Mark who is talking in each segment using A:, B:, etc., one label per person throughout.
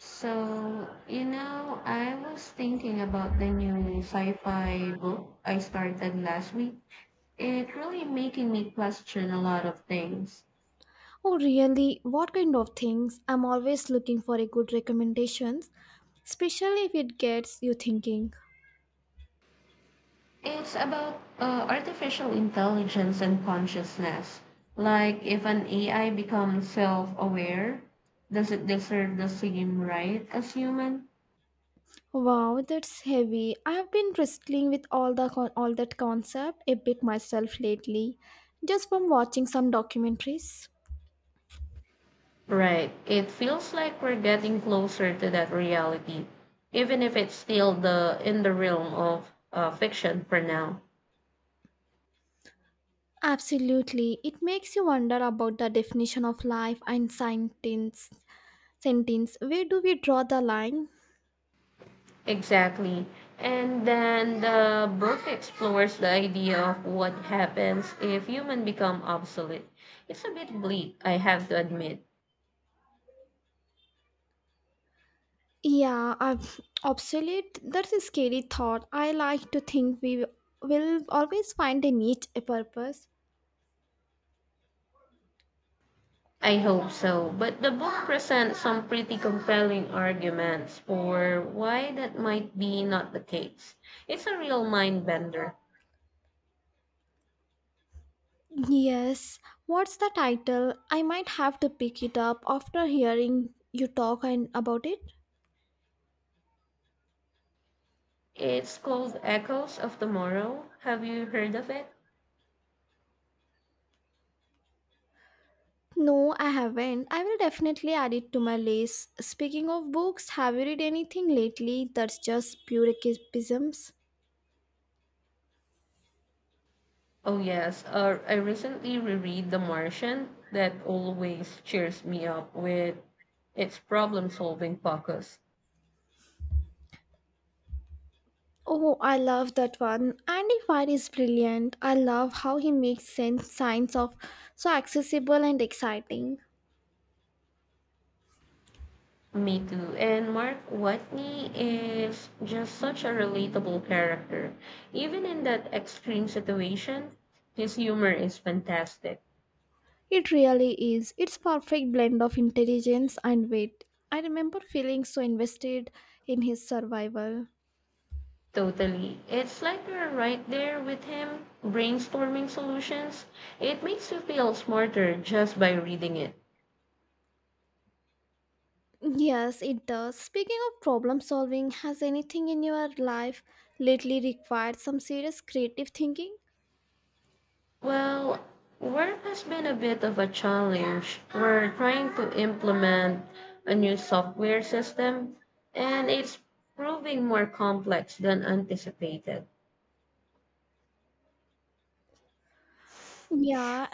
A: So, you know, I was thinking about the new sci-fi book I started last week. It really making me question a lot of things.
B: Oh, really? What kind of things? I'm always looking for a good recommendations, especially if it gets you thinking.
A: It's about artificial intelligence and consciousness. Like if an AI becomes self-aware, does it deserve the same right as human?
B: Wow, that's heavy. I have been wrestling with all that concept a bit myself lately, just from watching some documentaries.
A: Right. It feels like we're getting closer to that reality, even if it's still the in the realm of fiction for now.
B: Absolutely, it makes you wonder about the definition of life and sentence. Sentence. Where do we draw the line?
A: Exactly. And then the book explores the idea of what happens if humans become obsolete. It's a bit bleak, I have to admit.
B: Yeah, I'm obsolete. That's a scary thought. I like to think we will always find a niche, a purpose.
A: I hope so. But the book presents some pretty compelling arguments for why that might be not the case. It's a real mind bender.
B: Yes. What's the title? I might have to pick it up after hearing you talk and about it.
A: It's called Echoes of Tomorrow. Have you heard of it?
B: No, I haven't. I will definitely add it to my list. Speaking of books, have you read anything lately that's just pure escapisms?
A: Oh yes, I recently reread The Martian. That always cheers me up with its problem-solving focus.
B: Oh, I love that one. Andy Weir is brilliant. I love how he makes sense science of so accessible and exciting.
A: Me too. And Mark Watney is just such a relatable character. Even in that extreme situation, his humor is fantastic.
B: It really is. It's perfect blend of intelligence and wit. I remember feeling so invested in his survival.
A: Totally. It's like you're right there with him brainstorming solutions. It makes you feel smarter just by reading it.
B: Yes, it does. Speaking of problem solving, has anything in your life lately required some serious creative thinking?
A: Well, work has been a bit of a challenge. We're trying to implement a new software system, and it's proving more complex than anticipated.
B: Yeah,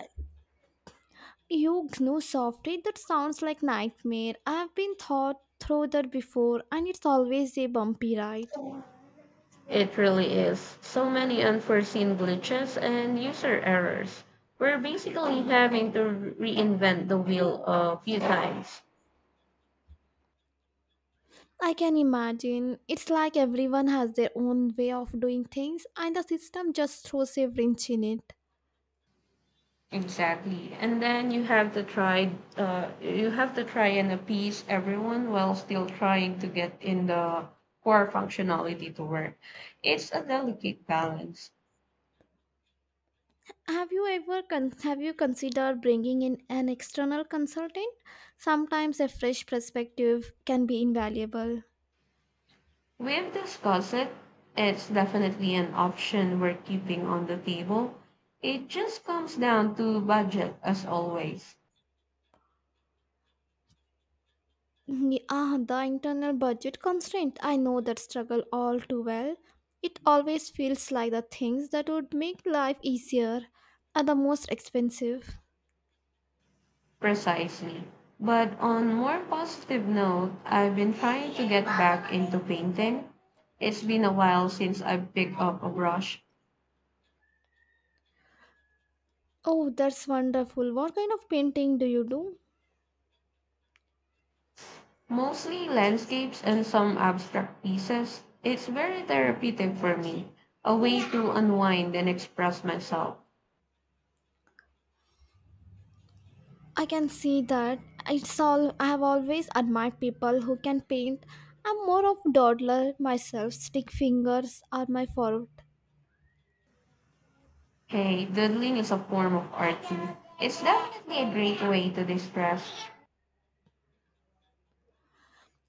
B: you know, softly, that sounds like nightmare. I've been thought through that before, and it's always a bumpy ride.
A: It really is. So many unforeseen glitches and user errors. We're basically having to reinvent the wheel a few times.
B: I can imagine. It's like everyone has their own way of doing things, and the system just throws a wrench in it.
A: Exactly. And then you have to try and appease everyone while still trying to get in the core functionality to work. It's a delicate balance.
B: Have you considered bringing in an external consultant? Sometimes a fresh perspective can be invaluable.
A: We've discussed it. It's definitely an option we're keeping on the table. It just comes down to budget as always.
B: Yeah, the internal budget constraint. I know that struggle all too well. It always feels like the things that would make life easier are the most expensive.
A: Precisely. But on more positive note, I've been trying to get back into painting. It's been a while since I picked up a brush,
B: Oh, that's wonderful. What kind of painting do you do?
A: mostly landscapes and some abstract pieces. It's very therapeutic for me, a way to unwind and express myself.
B: I can see that. It's all I have always admired people who can paint. I'm more of dawdler myself. Stick fingers are my forte.
A: Hey, doodling is a form of art too. It's definitely a great way to distress.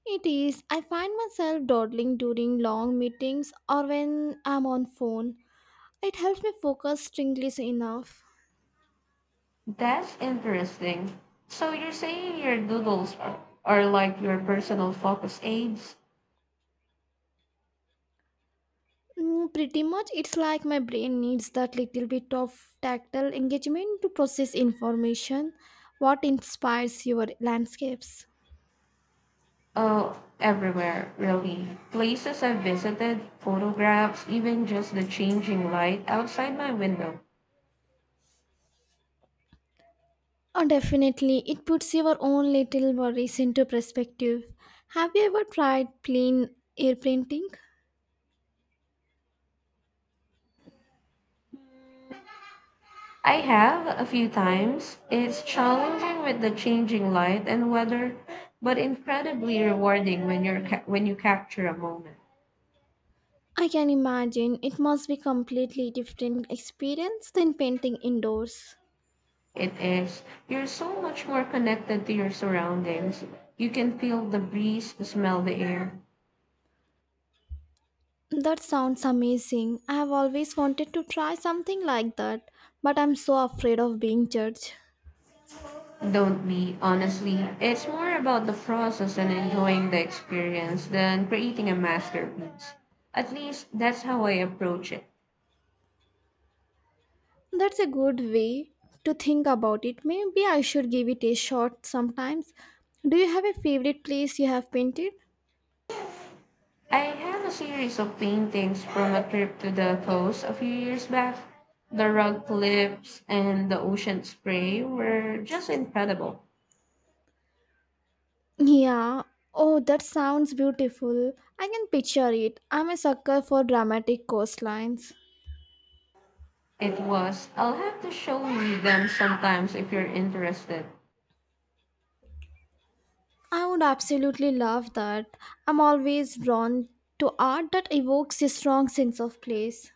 B: It is. I find myself dawdling during long meetings or when I'm on phone. It helps me focus strangely enough.
A: That's interesting. So you're saying your are like your personal focus aids?
B: Mm, pretty much, it's like my brain needs that little bit of tactile engagement to process information. What inspires your landscapes?
A: Oh, everywhere, really. Places I've visited, photographs, even just the changing light outside my window.
B: Oh, definitely, it puts your own little worries into perspective. Have you ever tried plain air painting?
A: I have a few times. It's challenging with the changing light and weather, but incredibly rewarding when you capture a moment.
B: I can imagine it must be completely different experience than painting indoors.
A: It is. You're so much more connected to your surroundings. You can feel the breeze, smell the air.
B: That sounds amazing. I have always wanted to try something like that, but I'm so afraid of being judged.
A: Don't be, honestly. It's more about the process and enjoying the experience than creating a masterpiece. At least that's how I approach it.
B: That's a good way to think about it. Maybe I should give it a shot sometimes. Do you have a favorite place you have painted?
A: I have a series of paintings from a trip to the coast a few years back. The rock cliffs and the ocean spray were just incredible.
B: Yeah. Oh, that sounds beautiful. I can picture it. I'm a sucker for dramatic coastlines.
A: It was. I'll have to show you them sometimes if you're interested.
B: I would absolutely love that. I'm always drawn to art that evokes a strong sense of place.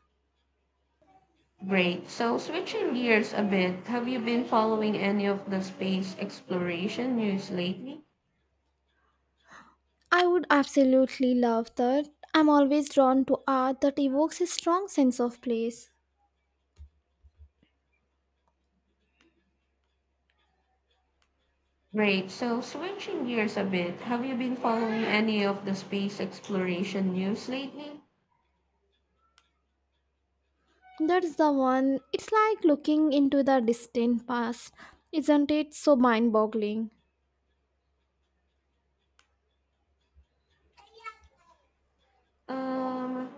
A: Great. So switching gears a bit, have you been following any of the space exploration news lately?
B: I would absolutely love that. I'm always drawn to art that evokes a strong sense of place.
A: Great. So switching gears a bit, have you been following any of the space exploration news lately?
B: That's the one. It's like looking into the distant past. Isn't it so mind boggling?
A: Um,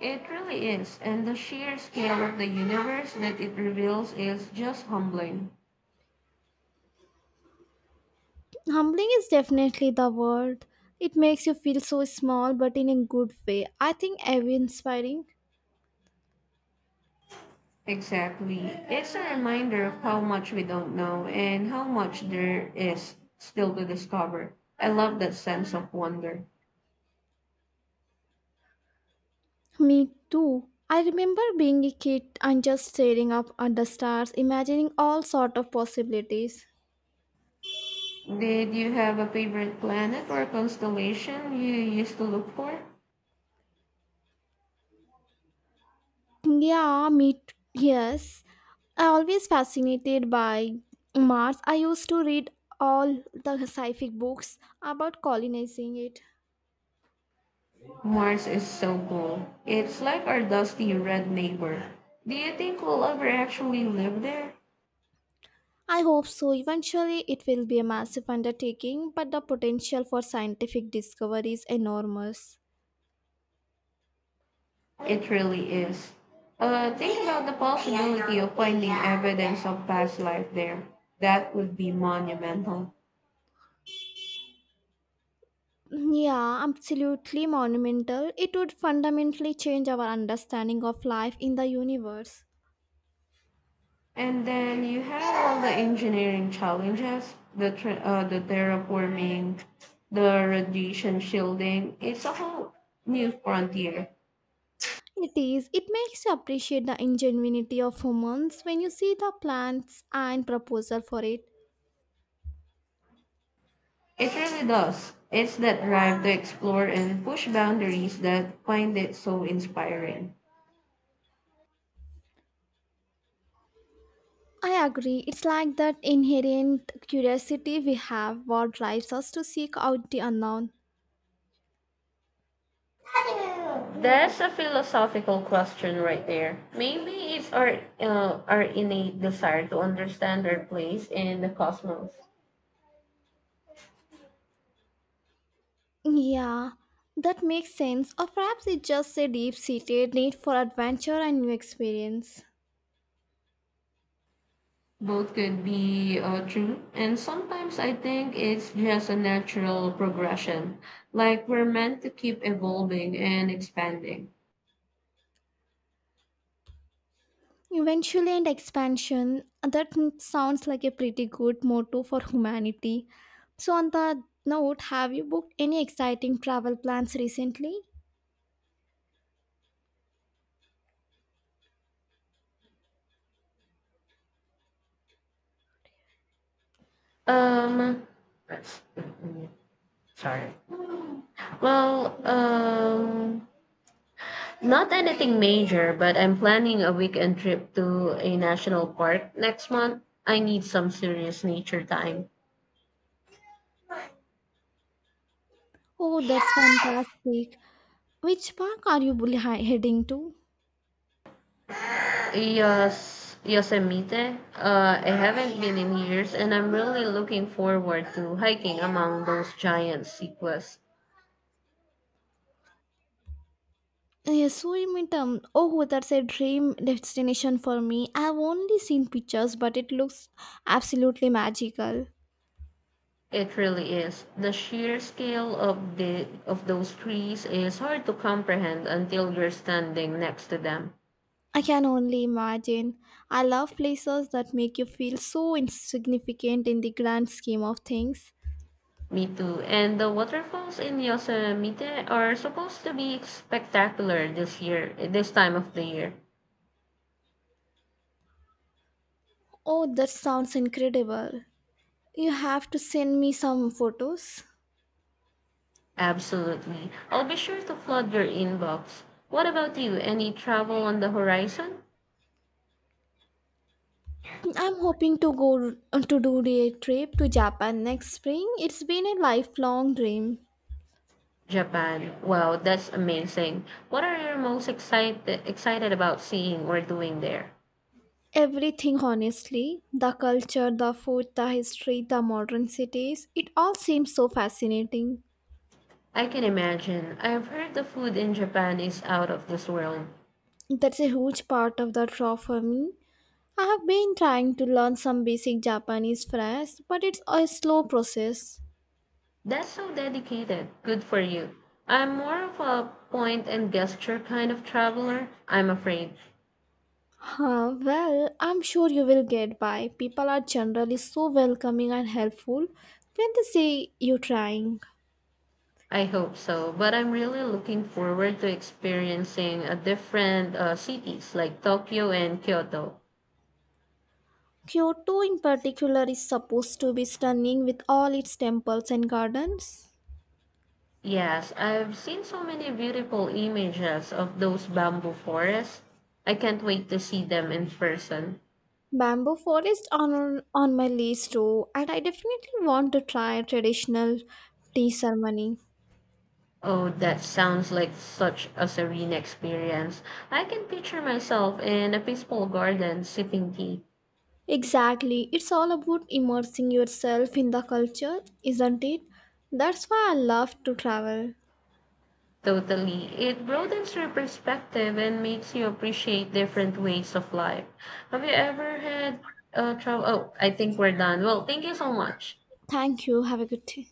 A: it really is, and the sheer scale of the universe that it reveals is just humbling.
B: Humbling is definitely the word. It makes you feel so small, but in a good way. I think every inspiring.
A: Exactly. It's a reminder of how much we don't know and how much there is still to discover. I love that sense of wonder.
B: Me too. I remember being a kid and just staring up at the stars, imagining all sort of possibilities.
A: Did you have a favorite planet or constellation you used to look for?
B: Yes. I always fascinated by Mars. I used to read all the scientific books about colonizing it.
A: Mars is so cool. It's like our dusty red neighbor. Do you think we'll ever actually live there?
B: I hope so. Eventually, it will be a massive undertaking, but the potential for scientific discovery is enormous.
A: It really is. Think about the possibility of finding evidence of past life there. That would be monumental.
B: Yeah, absolutely monumental. It would fundamentally change our understanding of life in the universe.
A: And then you have all the engineering challenges, the terraforming, the radiation shielding. It's a whole new frontier.
B: It is. It makes you appreciate the ingenuity of humans when you see the plans and proposal for it.
A: It really does. It's that drive to explore and push boundaries that find it so inspiring.
B: I agree. It's like that inherent curiosity we have what drives us to seek out the unknown.
A: That's a philosophical question right there. Maybe it's our innate desire to understand our place in the cosmos.
B: Yeah, that makes sense. Or perhaps it's just a deep seated need for adventure and new experience.
A: Both could be true, and sometimes I think it's just a natural progression. Like we're meant to keep evolving and expanding.
B: Eventually, and expansion. That sounds like a pretty good motto for humanity. So, on that note, have you booked any exciting travel plans recently?
A: Um, That's, mm, sorry. Well, Not anything major, but I'm planning a weekend trip to a national park next month. I need some serious nature time.
B: Oh, that's fantastic. Which park are you heading to?
A: Yes, Yosemite. I haven't been in years, and I'm really looking forward to hiking among those giant sequoias.
B: Yes. Oh, that's a dream destination for me. I've only seen pictures, but it looks absolutely magical.
A: It really is. The sheer scale of the of those trees is hard to comprehend until you're standing next to them.
B: I can only imagine. I love places that make you feel so insignificant in the grand scheme of things.
A: Me too. And the waterfalls in Yosemite are supposed to be spectacular this year, this time of the year.
B: Oh, that sounds incredible. You have to send me some photos.
A: Absolutely. I'll be sure to flood your inbox. What about you? Any travel on the horizon?
B: I'm hoping to go to do a trip to Japan next spring. It's been a lifelong dream.
A: Japan. Wow, that's amazing. What are you most excited about seeing or doing there?
B: Everything, honestly the culture, the food, the history, the modern cities it all seems so fascinating.
A: I can imagine. I've heard the food in Japan is out of this world.
B: That's a huge part of the draw for me. I have been trying to learn some basic Japanese first, but it's a slow process.
A: That's so dedicated. Good for you. I'm more of a point and gesture kind of traveler, I'm afraid.
B: Huh, well, I'm sure you will get by. People are generally so welcoming and helpful when they see you trying.
A: I hope so, but I'm really looking forward to experiencing a different cities like Tokyo and Kyoto.
B: Kyoto, in particular, is supposed to be stunning with all its temples and gardens.
A: Yes, I've seen so many beautiful images of those bamboo forests. I can't wait to see them in person.
B: Bamboo forest on my list too, and I definitely want to try traditional tea ceremony.
A: Oh, that sounds like such a serene experience. I can picture myself in a peaceful garden sipping tea.
B: Exactly, it's all about immersing yourself in the culture, isn't it? That's why I love to travel.
A: Totally. It broadens your perspective and makes you appreciate different ways of life. Have you ever had travel? Oh, I think we're done. Well, thank you so much.
B: Thank you. Have a good day.